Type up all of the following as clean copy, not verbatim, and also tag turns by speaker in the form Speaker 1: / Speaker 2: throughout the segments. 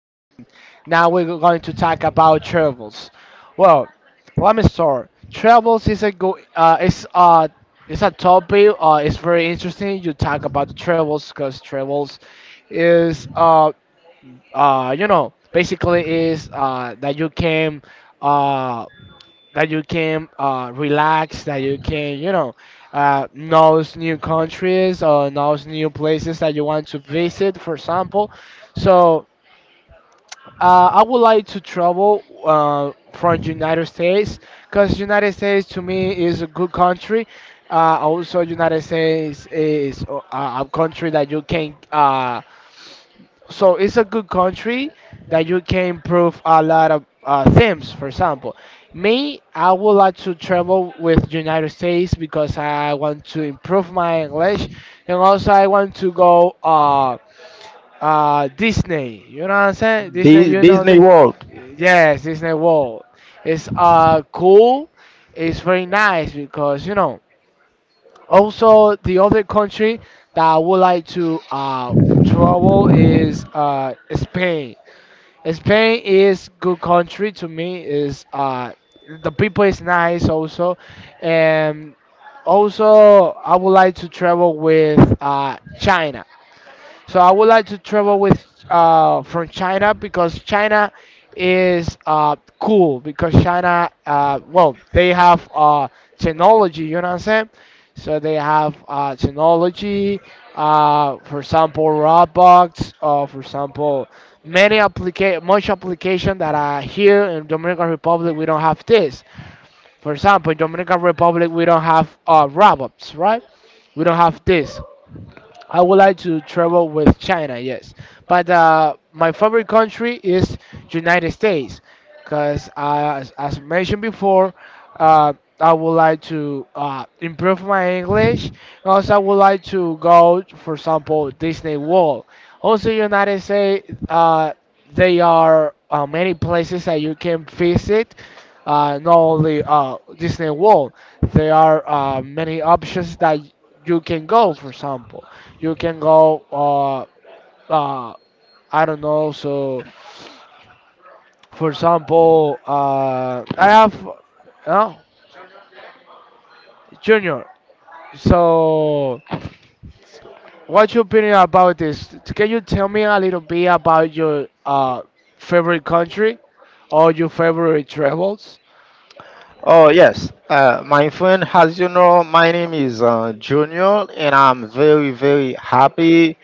Speaker 1: and now we're going to talk about travels. Well, let me start. Travels is a go. It's a topic. It's very interesting. You talk about the travels because travels is, basically is, that you can, uh relax, that you can, knows new countries or knows new places that you want to visit, for example. So, I would like to travel from United States because United States to me is a good country. Also, United States is, a country that you can, so it's a good country that you can improve a lot of themes, for example. Me, I would like to travel with United States because I want to improve my English. And also I want to go, Disney, you know what I'm saying, Disney, you know
Speaker 2: Disney
Speaker 1: the.
Speaker 2: World.
Speaker 1: Yes, Disney World. It's cool. It's very nice because you know. Also, the other country that I would like to travel is Spain. Spain is good country to me. Is the people is nice also, and also I would like to travel with China. So I would like to travel with, from China because China is cool because China, well, they have technology, you know what I'm saying, so they have technology, for example Roblox, or for example much application that are here in Dominican Republic. We don't have this. For example, in Dominican Republic we don't have Roblox, right? We don't have this. I would like to travel with China, yes. But my favorite country is United States, because, as mentioned before, uh, I would like to improve my English. And also, I would like to go, for example, Disney World. Also, United States, they are many places that you can visit. Not only Disney World, there are many options that you can go, for example you can go uh I don't know. So, for example, I have, uh, Junior, so what's your opinion about this? Can you tell me a little bit about your favorite country or your favorite travels?
Speaker 2: Oh yes. My friend, as you know, my name is Junior, and I'm very, very happy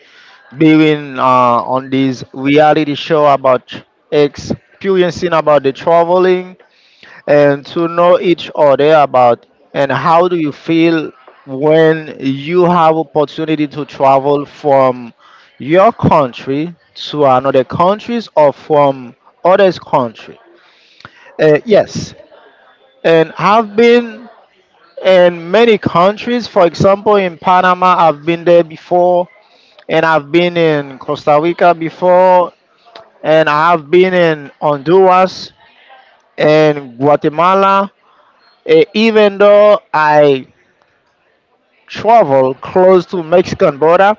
Speaker 2: being on this reality show about experiencing about the traveling and to know each other about and how do you feel when you have opportunity to travel from your country to another countries or from others country. Yes, and have been in many countries. For example, in Panama, I've been there before, and I've been in Costa Rica before, and I have been in Honduras and Guatemala. Eh, even though I travel close to Mexican border,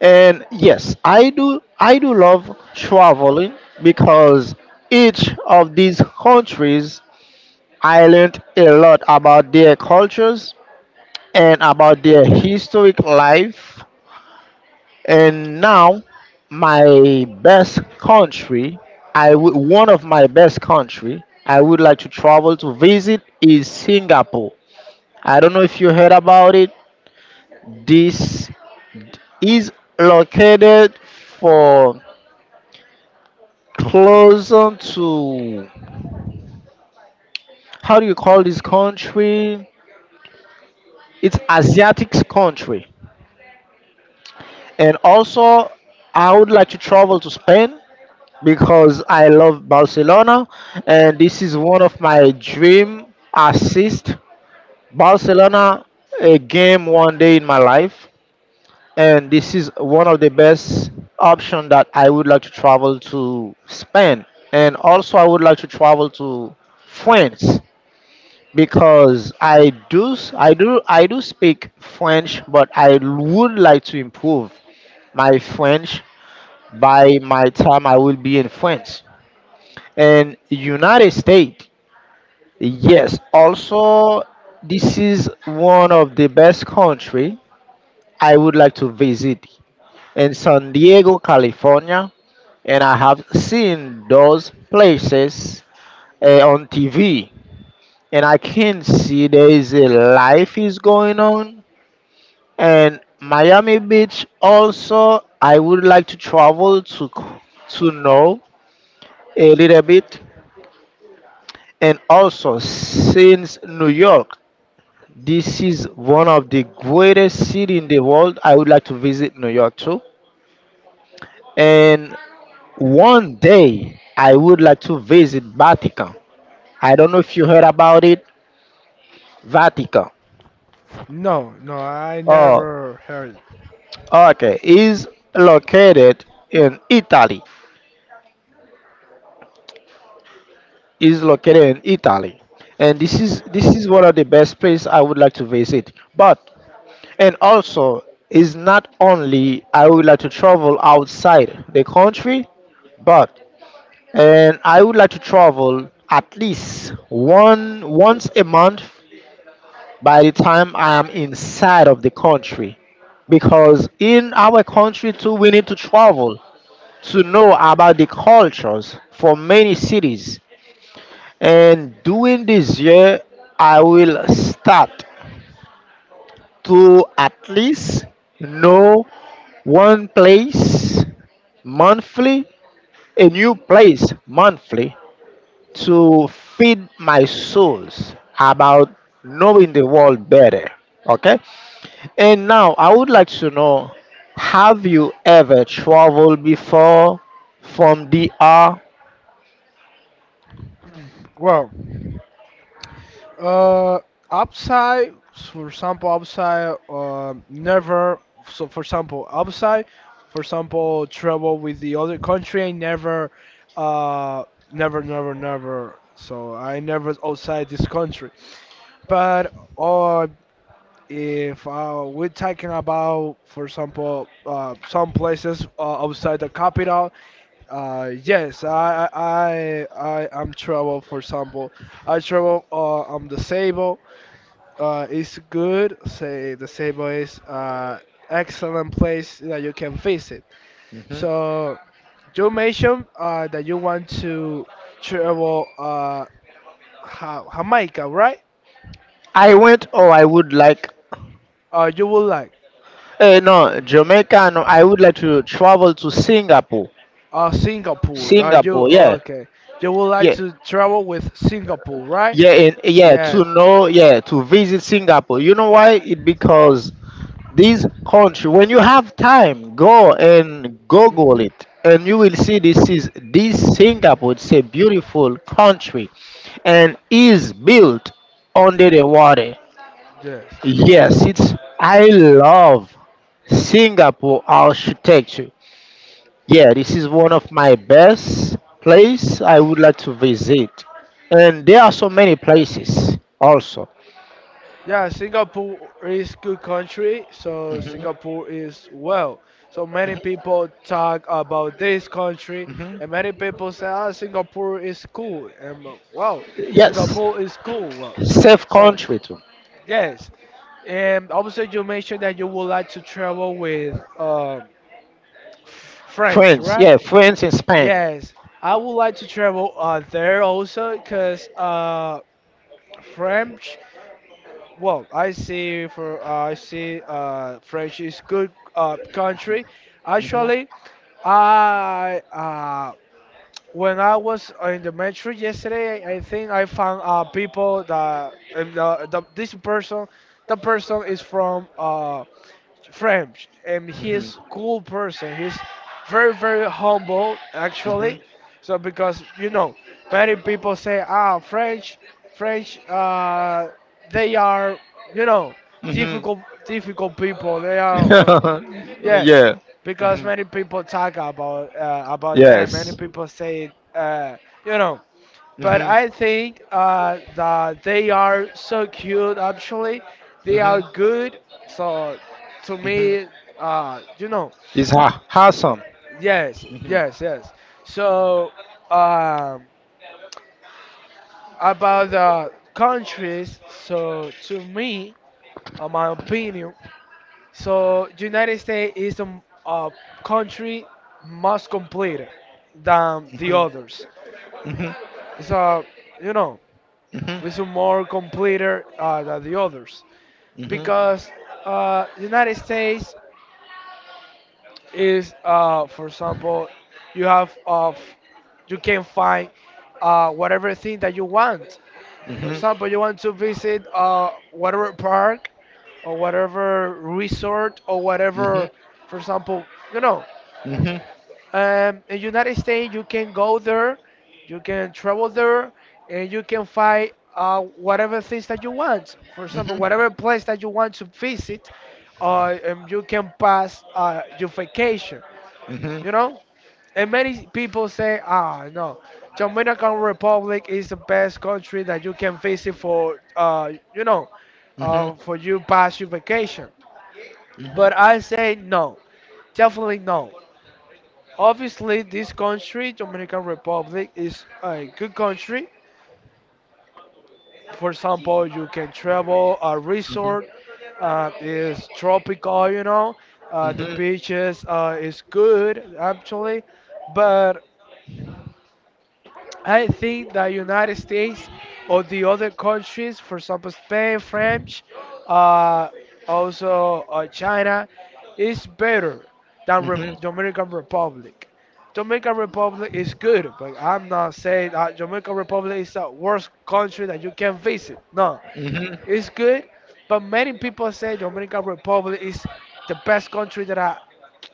Speaker 2: and yes, I do. I do love traveling because each of these countries I learned a lot about their cultures and about their historic life. And now, my best country, I would one of my best country I would like to travel to visit is Singapore. I don't know if you heard about it. This is located for closer to how do you call this country? It's Asiatic country. And also I would like to travel to Spain because I love Barcelona, and this is one of my dream assist. Barcelona a game one day in my life, and this is one of the best option that I would like to travel to Spain, and also I would like to travel to France because I do speak French, but I would like to improve my French by my time I will be in France. And United States. Yes, also this is one of the best country I would like to visit in San Diego, California, and I have seen those places on TV and I can see there is a life is going on and Miami Beach also I would like to travel to to know a little bit and also since New York. This is one of the greatest city in the world. I would like to visit New York too. And one day I would like to visit Vatican. I don't know if you heard about it. Vatican.
Speaker 1: No, no, I
Speaker 2: Oh,
Speaker 1: never heard.
Speaker 2: okay. Is located in Italy. Is located in Italy. And this is one of the best place I would like to visit. But and also is not only I would like to travel outside the country, but and I would like to travel at least one once a month by the time I am inside of the country because in our country too we need to travel to know about the cultures for many cities and during this year I will start to at least know one place monthly, a new place monthly, to feed my souls about knowing the world better. Okay. And now I would like to know, have you ever traveled before from DR?
Speaker 1: Well, Uh, upside, for example, upside, never, so for example, upside, for example, travel with the other country, I never, uh, never, never, never, so I never outside this country. But, if we're talking about, for example, some places outside the capital, yes, I am travel, for example, I travel, I'm disabled, it's good. Say the Sebo is excellent place that you can visit.
Speaker 2: Mhm.
Speaker 1: So you mentioned that you want to travel, Jamaica, right?
Speaker 2: I went or I would like.
Speaker 1: You would like,
Speaker 2: Eh, no Jamaica no, I would like to travel to Singapore.
Speaker 1: Singapore. You,
Speaker 2: Singapore,
Speaker 1: oh,
Speaker 2: yeah.
Speaker 1: okay? You would like
Speaker 2: Yeah.
Speaker 1: to travel with Singapore, right?
Speaker 2: Yeah, and yeah,
Speaker 1: Yeah.
Speaker 2: to know, yeah, to visit Singapore. You know why? It because this country, when you have time, go and Google
Speaker 1: Hmm.
Speaker 2: it, and you will see this is this Singapore. It's a beautiful country, and is built under the water.
Speaker 1: Yes.
Speaker 2: Yes, it's I love Singapore architecture. Yeah, this is one of my best place I would like to visit. And there are so many places also.
Speaker 1: Yeah, Singapore is good country, so Singapore is well. So many people talk about this country,
Speaker 2: Mhm.
Speaker 1: and many people say, "Ah, Singapore is cool," and, well,
Speaker 2: Yes,
Speaker 1: Singapore is cool. Well,
Speaker 2: safe
Speaker 1: so
Speaker 2: country too.
Speaker 1: yes, and also you mentioned that you would like to travel with, French,
Speaker 2: France,
Speaker 1: right?
Speaker 2: yeah, France and Spain.
Speaker 1: Yes, I would like to travel there also because, French. Well, I see French is good country. Actually, I when I was in the metro yesterday, I think I found people that, and the this person, the person is from, French, and he is cool person. He's very, very humble, actually.
Speaker 2: Mhm.
Speaker 1: So because you know, many people say, ah, French French they are, you know,
Speaker 2: Mhm.
Speaker 1: difficult people. They are on. Yeah,
Speaker 2: Yeah.
Speaker 1: because
Speaker 2: Mhm.
Speaker 1: many people talk about them.
Speaker 2: Yes.
Speaker 1: Many people say, you know, but
Speaker 2: Mhm.
Speaker 1: I think that they are so cute. Actually, they are
Speaker 2: Mhm.
Speaker 1: good. So to
Speaker 2: Mhm.
Speaker 1: me, you know,
Speaker 2: It's awesome.
Speaker 1: yes,
Speaker 2: Mhm.
Speaker 1: yes, yes. So, um, about the countries. So to me, in my opinion, so United States is the country most complete than the others.
Speaker 2: Mhm.
Speaker 1: It's a you know, it's a
Speaker 2: Mhm.
Speaker 1: more complete than the others.
Speaker 2: Mhm.
Speaker 1: Because, the United States is, for example, you have of you can find whatever thing that you want. For
Speaker 2: Mhm.
Speaker 1: example, you want to visit whatever park or whatever resort or
Speaker 2: Mhm.
Speaker 1: whatever, for example, you know.
Speaker 2: Mhm.
Speaker 1: In United States, you can go there, you can travel there, and you can find whatever things that you want. For example,
Speaker 2: Mhm.
Speaker 1: whatever place that you want to visit, you can pass your vacation.
Speaker 2: Mhm. Mhm. Mhm.
Speaker 1: You know, and many people say, ah, no, Dominican Republic is the best country that you can visit for, you know, for you pass your vacation. But I say no, definitely no. Obviously, this country, Dominican Republic, is a good country. For example, you can travel a resort. It's tropical, you know. The
Speaker 2: Mhm.
Speaker 1: beaches is good, actually, but I think the United States or the other countries, for example, Spain, French, uh, also, China, is better than
Speaker 2: Mhm.
Speaker 1: Dominican Republic. Dominican Republic is good, but I'm not saying that Dominican Republic is the worst country that you can visit. No, it's good, but many people say Dominican Republic is the best country that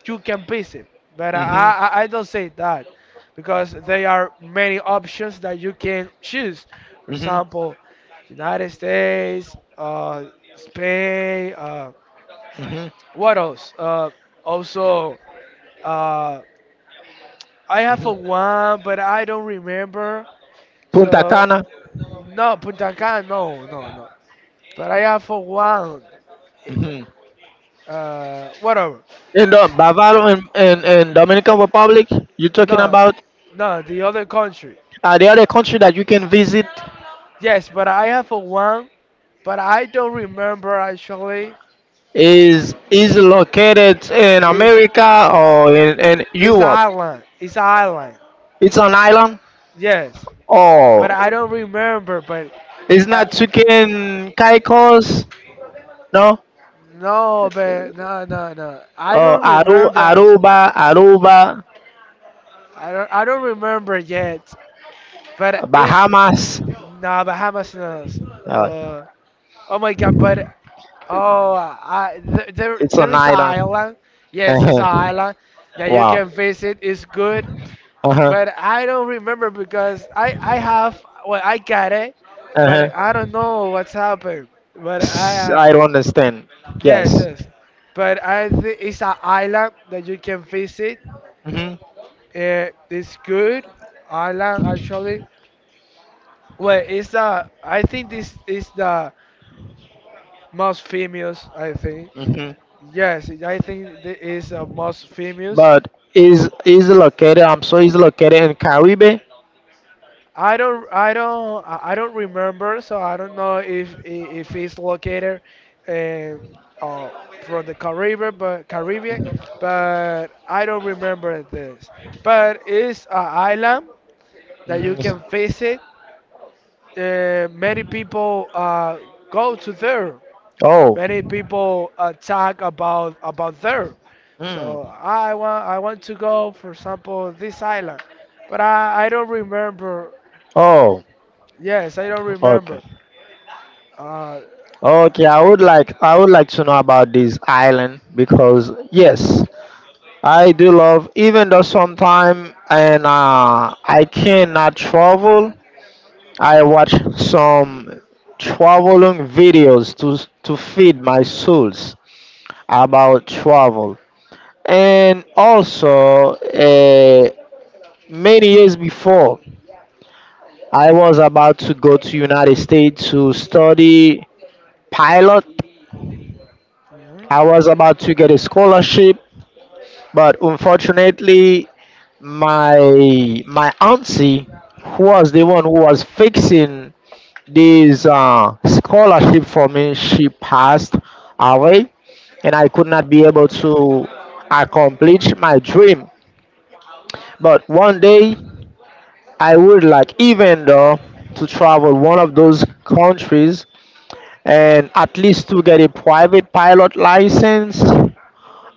Speaker 1: you can visit. But I,
Speaker 2: Mhm.
Speaker 1: I, I don't say that because there are many options that you can choose. For example, United States, Spain.
Speaker 2: Mhm.
Speaker 1: What else? Also, uh, I have a one, but I don't remember.
Speaker 2: Punta
Speaker 1: So
Speaker 2: Cana.
Speaker 1: no, Punta Cana, no, no, no. But I have a one.
Speaker 2: Mhm.
Speaker 1: Whatever.
Speaker 2: In the Bavaro and Dominican Republic, you're talking
Speaker 1: No,
Speaker 2: about,
Speaker 1: no, the other country.
Speaker 2: are there other country that you can visit,
Speaker 1: Yes, but I have a one, but I don't remember, actually.
Speaker 2: is located in
Speaker 1: It's
Speaker 2: America or in
Speaker 1: it's
Speaker 2: Europe.
Speaker 1: island? It's island.
Speaker 2: It's an island.
Speaker 1: Yes,
Speaker 2: Oh,
Speaker 1: but I don't remember. But,
Speaker 2: it's
Speaker 1: uh,
Speaker 2: not Tukin Caicos. No.
Speaker 1: no, but no, no, no. I
Speaker 2: Oh,
Speaker 1: don't
Speaker 2: Aru,
Speaker 1: remember, actually.
Speaker 2: Aruba, Aruba,
Speaker 1: I don't remember yet. But it's,
Speaker 2: Bahamas.
Speaker 1: nah, Bahamas. No.
Speaker 2: Uh,
Speaker 1: Uh, oh my God! But, oh, there
Speaker 2: it's
Speaker 1: there
Speaker 2: an
Speaker 1: is an
Speaker 2: island.
Speaker 1: island. Yes, it's
Speaker 2: Uh-huh.
Speaker 1: an island that you
Speaker 2: Wow.
Speaker 1: can visit. It's good,
Speaker 2: Uh-huh.
Speaker 1: but I don't remember because I have, well, I got it, but
Speaker 2: Uh-huh.
Speaker 1: I don't know what's happened. But I
Speaker 2: I don't understand.
Speaker 1: yes,
Speaker 2: Yes.
Speaker 1: yes, but I think it's an island that you can visit.
Speaker 2: Mm-hmm.
Speaker 1: It's good island, actually. Well, it's the I think this is the most famous. I think,
Speaker 2: Hmm.
Speaker 1: yes, I think this is the most famous.
Speaker 2: But is located? I'm sorry, is located in Caribe?
Speaker 1: I don't, I don't, I don't remember, so I don't know if it's located, uh, uh, from the Caribbean, but I don't remember this. But it's an island that you can
Speaker 2: Hmm.
Speaker 1: visit. Many people go to there.
Speaker 2: Oh.
Speaker 1: Many people talk about there.
Speaker 2: Mm.
Speaker 1: So I want to go, for example, this island, but I don't remember.
Speaker 2: Oh,
Speaker 1: Yes, I don't
Speaker 2: okay,
Speaker 1: remember. Uh,
Speaker 2: okay. I would like to know about this island because yes, I do love. Even though sometime and I cannot travel, I watch some traveling videos to feed my souls about travel. And also, many years before, I was about to go to United States to study pilot. I
Speaker 1: mhm.
Speaker 2: was about to get a scholarship, but unfortunately, my auntie, who was the one who was fixing this scholarship for me, she passed away, and I could not be able to accomplish my dream. But one day, I would like, even though, to travel one of those countries and at least to get a private pilot license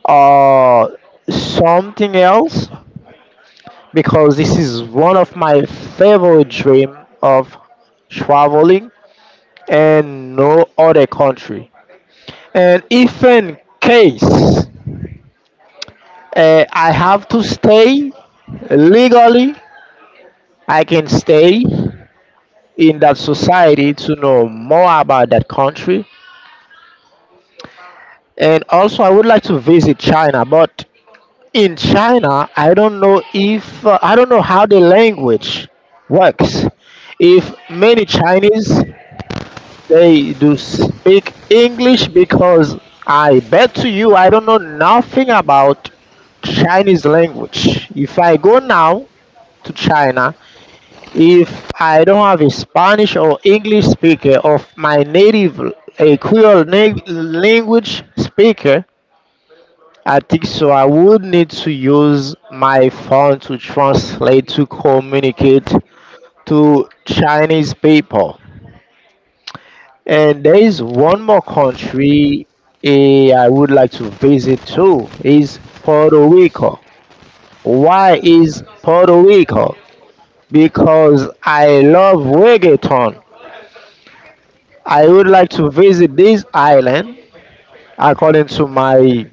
Speaker 2: or something else because this is one of my favorite dream of traveling and no other country. And if in case I have to stay legally, I can stay in that society to know more about that country and also I would like to visit China but in China I don't know if I don't know how the language works, if many Chinese they do speak English because I bet to you I don't know nothing about Chinese language, if I go now to China, if I don't have a Spanish or English speaker of my native, a creole language speaker, I think so. I would need to use my phone to translate to communicate to Chinese people. And there is one more country, eh, I would like to visit too is Puerto Rico. Why is Puerto Rico? Because I love reggaeton. I would like to visit this island according to my.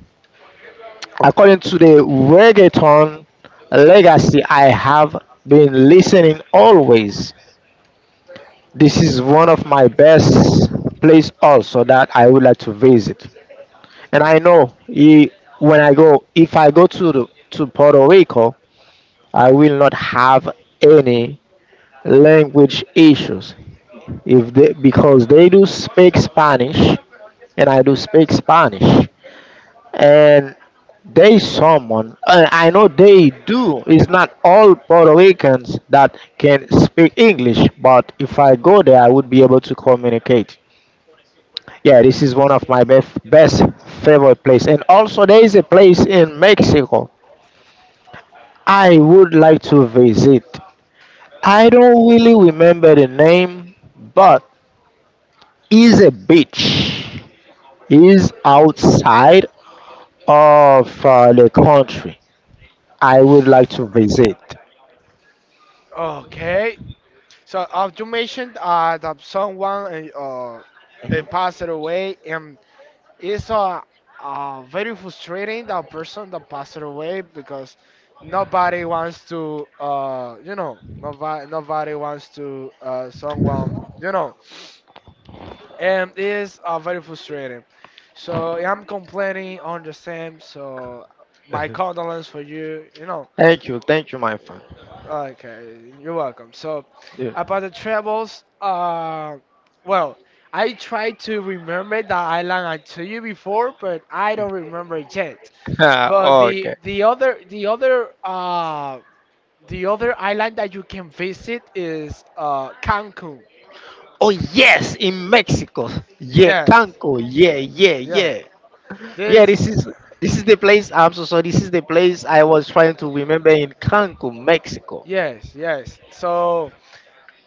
Speaker 2: According to the reggaeton legacy I have been listening always, this is one of my best place also that I would like to visit. And I know when I go, if I go to the, to Puerto Rico, I will not have any language issues if they, because they do speak Spanish and I do speak Spanish. And there is someone, and I know they do. It's not all Puerto Ricans that can speak English, but if I go there, I would be able to communicate. Yeah, this is one of my best, best favorite place. And also, there is a place in Mexico I would like to visit. I don't really remember the name, but is a beach, is outside of the country. I would like to visit.
Speaker 1: Okay. So, you mentioned that someone, passed away, and it's, very frustrating that person that passed away because nobody wants to, you know, nobody wants to, someone, you know, and it's very frustrating. So, I'm complaining on the same. So, my condolence for you, you know.
Speaker 2: Thank you, my friend.
Speaker 1: Okay, you're welcome. So,
Speaker 2: Yeah.
Speaker 1: about the travels, well, I tried to remember the island I told you before, but I don't remember it yet.
Speaker 2: Ah,
Speaker 1: But the
Speaker 2: okay.
Speaker 1: the other the other uh the other island that you can visit is Cancun.
Speaker 2: Oh yes, in Mexico. Yeah,
Speaker 1: Yes,
Speaker 2: Cancun. Yeah, yeah,
Speaker 1: yeah.
Speaker 2: yeah. Yeah,
Speaker 1: This
Speaker 2: this is the place. I'm so sorry. This is the place I was trying to remember, in Cancun, Mexico.
Speaker 1: Yes, yes. So,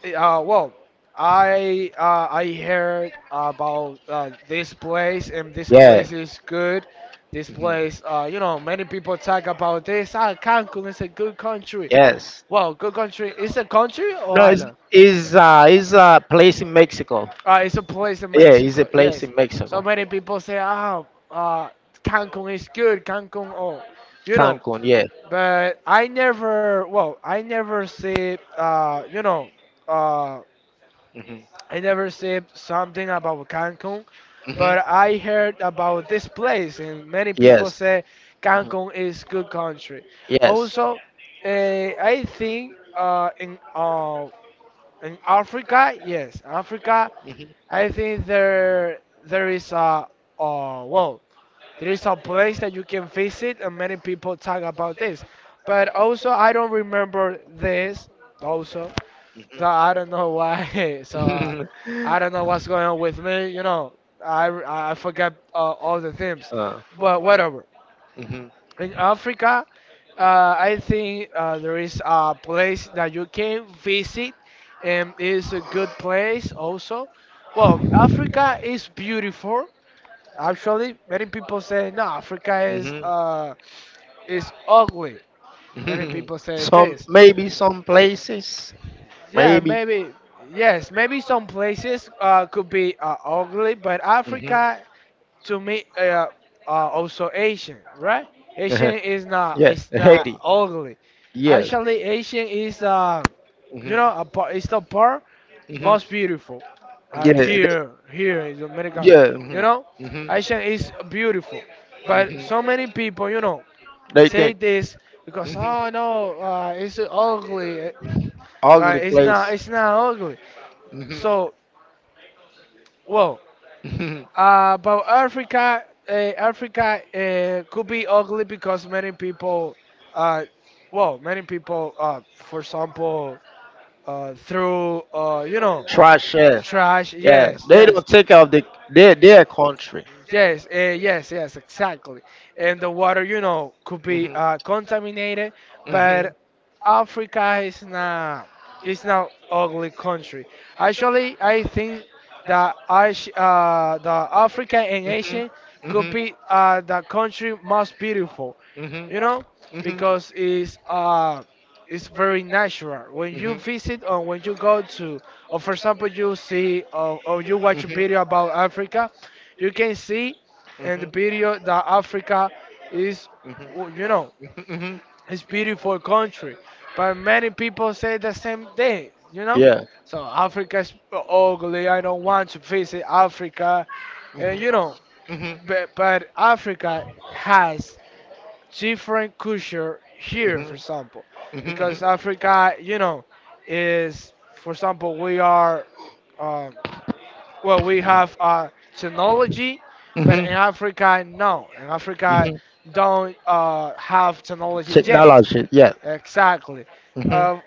Speaker 1: Well, I heard about this place, and this
Speaker 2: Yeah.
Speaker 1: place is good. This place, you know, many people talk about this. Ah, Cancun is a good country.
Speaker 2: Yes.
Speaker 1: Well, good country. It's a country or
Speaker 2: No, it's
Speaker 1: island?
Speaker 2: is a place in Mexico.
Speaker 1: It's a place in
Speaker 2: Yeah, it's a
Speaker 1: Mexico.
Speaker 2: place
Speaker 1: Yes.
Speaker 2: in
Speaker 1: So
Speaker 2: Mexico.
Speaker 1: many people say, ah, uh, Cancun is good. Cancun, oh, you know.
Speaker 2: Cancun. Yeah.
Speaker 1: But I never, well, I never see, you know, uh,
Speaker 2: Hmm.
Speaker 1: I never seen something about Cancun, but
Speaker 2: Hmm.
Speaker 1: I heard about this place, and many people
Speaker 2: Yes.
Speaker 1: say Cancun is good country.
Speaker 2: Yes.
Speaker 1: Also, I think, in Africa, yes, Africa,
Speaker 2: Hmm.
Speaker 1: I think there there is a well, there is a place that you can visit, and many people talk about this. But also, I don't remember this also. So I don't know why. So, I don't know what's going on with me. You know, I I forgot all the themes,
Speaker 2: uh,
Speaker 1: but whatever.
Speaker 2: hmm.
Speaker 1: In Africa, I think there is a place that you can visit, and it's a good place also. Well, Africa is beautiful. Actually, many people say, no, Africa is,
Speaker 2: Hmm.
Speaker 1: ugly. Many people say
Speaker 2: Some
Speaker 1: this.
Speaker 2: maybe some places.
Speaker 1: Yeah,
Speaker 2: Maybe.
Speaker 1: maybe. Yes, maybe some places could be ugly, but
Speaker 2: Hmm.
Speaker 1: Africa, to me, also Asian, right?
Speaker 2: Uh-huh.
Speaker 1: Asian is not
Speaker 2: Yeah,
Speaker 1: it's not
Speaker 2: Haiti.
Speaker 1: ugly.
Speaker 2: Yes.
Speaker 1: Actually, Asian is you know,
Speaker 2: Hmm.
Speaker 1: a part, it's the part
Speaker 2: Hmm.
Speaker 1: most beautiful.
Speaker 2: Yeah, they,
Speaker 1: Here, here in America,
Speaker 2: yeah.
Speaker 1: you know,
Speaker 2: Hmm. Hmm.
Speaker 1: Asian is beautiful, but so many people, you know,
Speaker 2: They
Speaker 1: say
Speaker 2: think.
Speaker 1: this because
Speaker 2: Hmm.
Speaker 1: oh no, it's ugly,
Speaker 2: Ugly
Speaker 1: but
Speaker 2: place.
Speaker 1: it's not ugly.
Speaker 2: Hmm.
Speaker 1: So, well,
Speaker 2: Hmm.
Speaker 1: about Africa, Africa could be ugly because many people, uh, well, many people, for example, through, you know,
Speaker 2: Trash. Yeah,
Speaker 1: trash.
Speaker 2: yeah,
Speaker 1: Yes,
Speaker 2: they
Speaker 1: yes.
Speaker 2: don't take out the their country.
Speaker 1: Yes, yes, yes, exactly. And the water, you know,
Speaker 2: Hmm. Hmm.
Speaker 1: could
Speaker 2: Hmm. Hmm.
Speaker 1: be contaminated, but Africa is not ugly country. Actually, I think that the Africa and Asia could be the country most beautiful, you know, because it's very natural. When you visit or when you go to, or for example, you see or you watch a video about Africa you can see in the video that Africa is, you know,
Speaker 2: Hmm. Hmm.
Speaker 1: it's beautiful country, but many people say the same thing, you know.
Speaker 2: Yeah.
Speaker 1: So Africa is ugly. I don't want to visit Africa, and you know,
Speaker 2: Hmm. Hmm.
Speaker 1: but Africa has different culture here,
Speaker 2: Hmm.
Speaker 1: for example, because Africa, you know, is for example we are. Um, well, we have technology, but
Speaker 2: Hmm.
Speaker 1: in Africa, no. In Africa,
Speaker 2: Hmm.
Speaker 1: don't have technology yet.
Speaker 2: Technology. Yeah.
Speaker 1: Exactly.
Speaker 2: Hmm.
Speaker 1: Uh,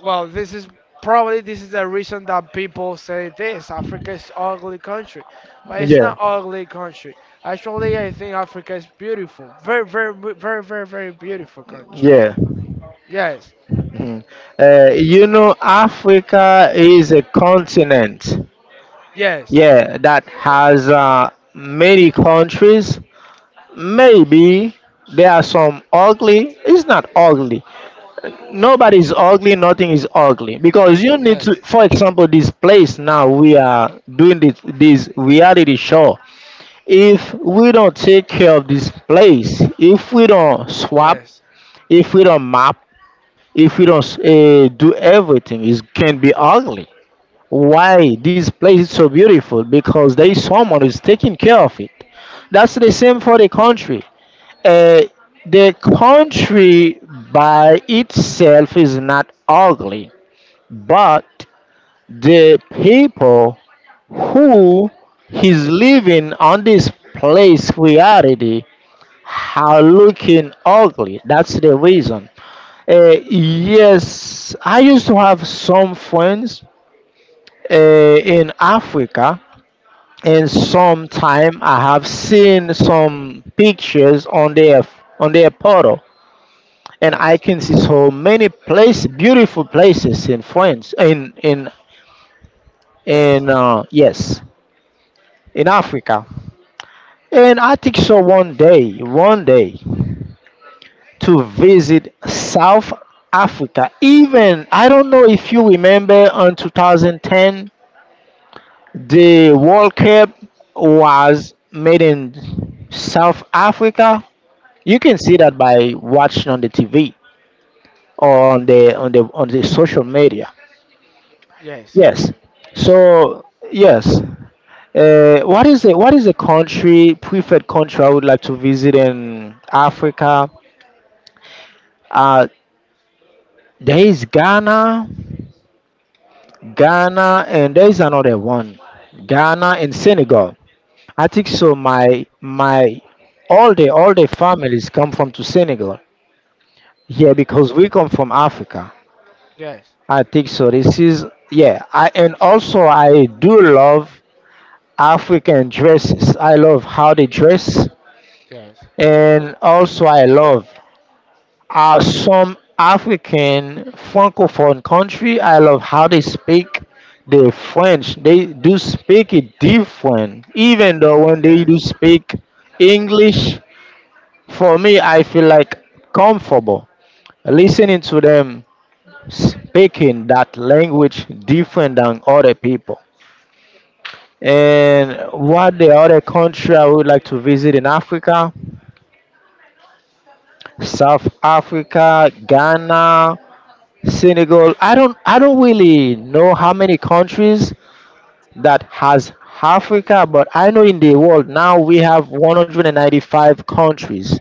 Speaker 1: well, this is probably this is the reason that people say this. Africa is ugly country, but it's
Speaker 2: Yeah.
Speaker 1: not ugly country. Actually, I think Africa is beautiful. Very, very, very, very, very beautiful country.
Speaker 2: Yeah.
Speaker 1: Yes.
Speaker 2: Mhm. You know, Africa is a continent.
Speaker 1: Yes.
Speaker 2: Yeah, that has many countries. Maybe there are some ugly. It's not ugly. Nobody is ugly, nothing is ugly because you need to,
Speaker 1: Yes.
Speaker 2: for example, this place now we are doing this reality show, if we don't take care of this place, if we don't swap,
Speaker 1: Yes.
Speaker 2: if we don't map, if we don't do everything, it can be ugly. Why this place is so beautiful? Because there is someone who's taking care of it. That's the same for the country. Uh, the country by itself is not ugly. But the people who is living on this place reality are looking ugly. That's the reason. Yes, I used to have some friends in Africa, and sometime I have seen some pictures on their portal, and I
Speaker 1: Yes.
Speaker 2: can see so many places, beautiful places in France, in
Speaker 1: Yes.
Speaker 2: yes in Africa. And I think so one day to visit South Africa. Even I don't know if you remember on 2010 the World Cup was made in South Africa. You can see that by watching on the TV or on the social media.
Speaker 1: Yes.
Speaker 2: Yes. So yes. What is it? What is a country, preferred country I would like to visit in Africa? Uh, there is Ghana, Ghana, and there is another one, Ghana and Senegal. I think so. My all the families come from to Senegal. Yeah, because we come from Africa.
Speaker 1: Yes.
Speaker 2: I think so. This is yeah. I and also I do love African dresses. I love how they dress,
Speaker 1: Yes.
Speaker 2: and also I love are some African francophone country. I love how they speak the French. They do speak it different, even though when they do
Speaker 1: Yes.
Speaker 2: speak English, for me, I feel like comfortable listening to them speaking that language different than other people. And what the other country I would like to visit in Africa? South Africa, Ghana, Senegal. I don't really know how many countries that has Africa, but I know in the world now we have 195 countries.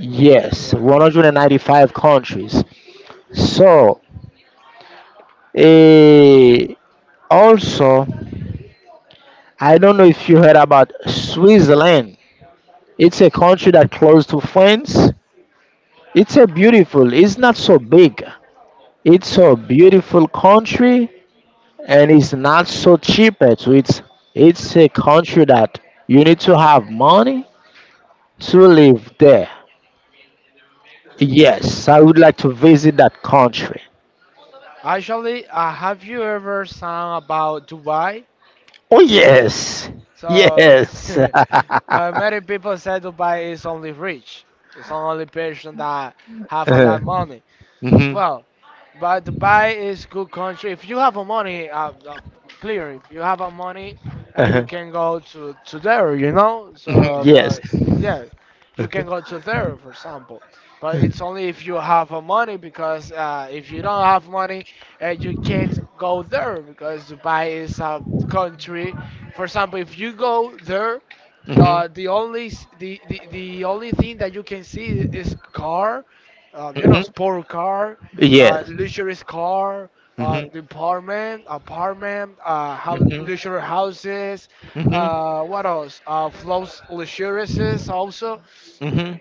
Speaker 2: Yes,
Speaker 1: Well,
Speaker 2: 195 countries. So, eh, also, I don't know if you heard about Switzerland. It's a country that close to France. It's a beautiful. It's not so big. It's a beautiful country and it's not so cheap. Eh, so it's a country that you need to have money to live there. Yes, I would like to visit that country.
Speaker 1: actually, have you ever sung about Dubai?
Speaker 2: Oh yes,
Speaker 1: So,
Speaker 2: yes.
Speaker 1: but many people say Dubai is only rich. It's only person that have a lot of money.
Speaker 2: Mhm.
Speaker 1: Well, but Dubai is good country. If you have a money, clear. If you have a money, you
Speaker 2: Huh.
Speaker 1: can go to there. You know.
Speaker 2: Mhm,
Speaker 1: So, but
Speaker 2: yes.
Speaker 1: yeah, you can go to there, for example. But it's only if you have a money, because if you don't have money, you can't go there because Dubai is a country. For example, if you go there,
Speaker 2: Mhm.
Speaker 1: the only the only thing that you can see is car, you know,
Speaker 2: Mhm.
Speaker 1: sport car,
Speaker 2: Yes.
Speaker 1: luxurious car,
Speaker 2: Mhm.
Speaker 1: department, apartment, house,
Speaker 2: Mhm.
Speaker 1: luxury houses, what else? Flows
Speaker 2: Mhm.
Speaker 1: luxurious also.
Speaker 2: Mhm.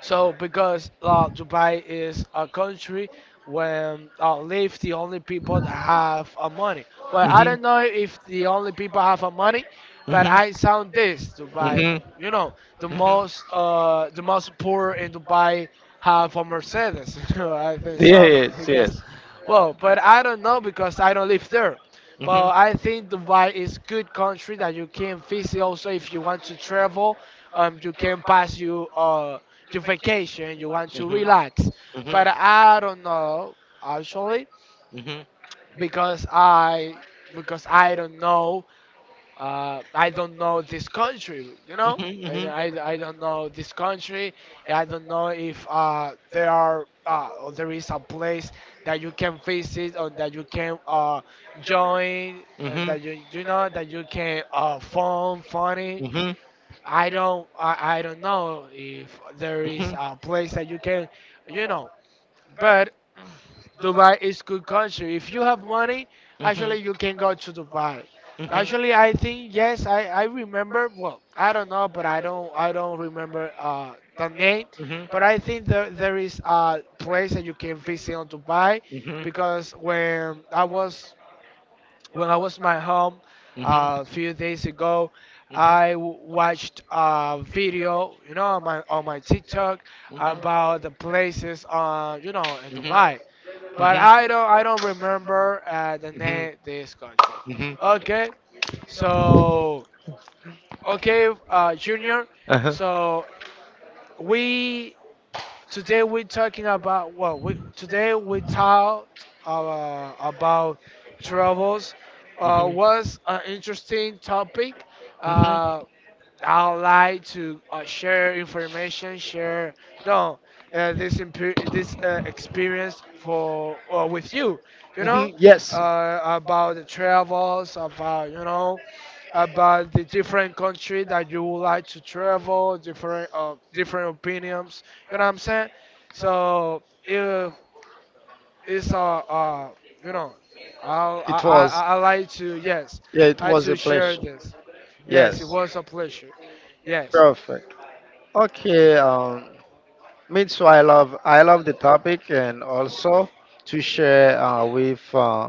Speaker 1: So because Dubai is a country when live the only people that have money. Well, I
Speaker 2: Hmm.
Speaker 1: don't know if the only people have money, but
Speaker 2: Hmm.
Speaker 1: I sound this
Speaker 2: Right.
Speaker 1: Dubai.
Speaker 2: Hmm.
Speaker 1: You know, the most poor in Dubai have a Mercedes. You know, I think so
Speaker 2: Yes, yes.
Speaker 1: because,
Speaker 2: So
Speaker 1: well, but I don't know because I don't live there.
Speaker 2: hmm.
Speaker 1: But I think Dubai is good country that you can visit. Also, if you want to travel, you can pass you vacation, you want to relax.
Speaker 2: Hmm. Hmm.
Speaker 1: But I don't know actually
Speaker 2: I hmm.
Speaker 1: because I because
Speaker 2: Mhm, mhm, mhm, mhm, mhm, mhm,
Speaker 1: I don't know this country, you know. I don't know this country. I don't know if there are or there is a place that you can visit or that you can join,
Speaker 2: mhm.
Speaker 1: that you know that you can phone funny
Speaker 2: Mhm. Mhm. Mhm.
Speaker 1: I don't I don't know if there is a place that you can you know but Dubai is good country if you have money actually you can go to Dubai actually I think yes I remember well I don't know but I don't remember the name but I think there is a place that you can visit on Dubai because when I was in my home a few days ago, I watched a video, you know, on my TikTok about the places, you know, in Dubai. But I don't remember the name this country.
Speaker 2: Mhm. Mhm. Mhm.
Speaker 1: Okay,
Speaker 2: Mhm.
Speaker 1: so okay, Junior.
Speaker 2: Uh-huh.
Speaker 1: So we Today we're talking about well, we, today we talked about travels.
Speaker 2: Mhm.
Speaker 1: Was an interesting topic.
Speaker 2: Mhm.
Speaker 1: Uh, I like to share information, share no this this experience for with you, you know,
Speaker 2: Mhm. Yes.
Speaker 1: about the travels, about you know, about the different country that you would like to travel, different different opinions, you know what I'm saying? So uh, it's you know I
Speaker 2: It
Speaker 1: I
Speaker 2: was.
Speaker 1: I I like to yes
Speaker 2: Yeah, it
Speaker 1: I like
Speaker 2: was a
Speaker 1: to share
Speaker 2: pleasure.
Speaker 1: this.
Speaker 2: Yes.
Speaker 1: Yes, it was a pleasure. Yes.
Speaker 2: Perfect. Okay. Me too. I love the topic and also to share with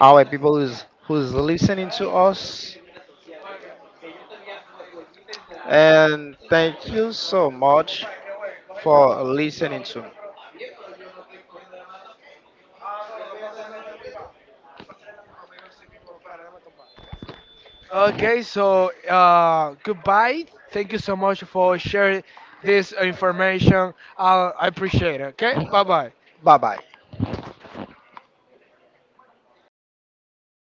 Speaker 2: our people who's listening to us and thank you so much for listening to.
Speaker 1: Okay, so goodbye. Thank you so much for sharing this information. I appreciate it. Okay? Bye-bye.
Speaker 2: Bye bye.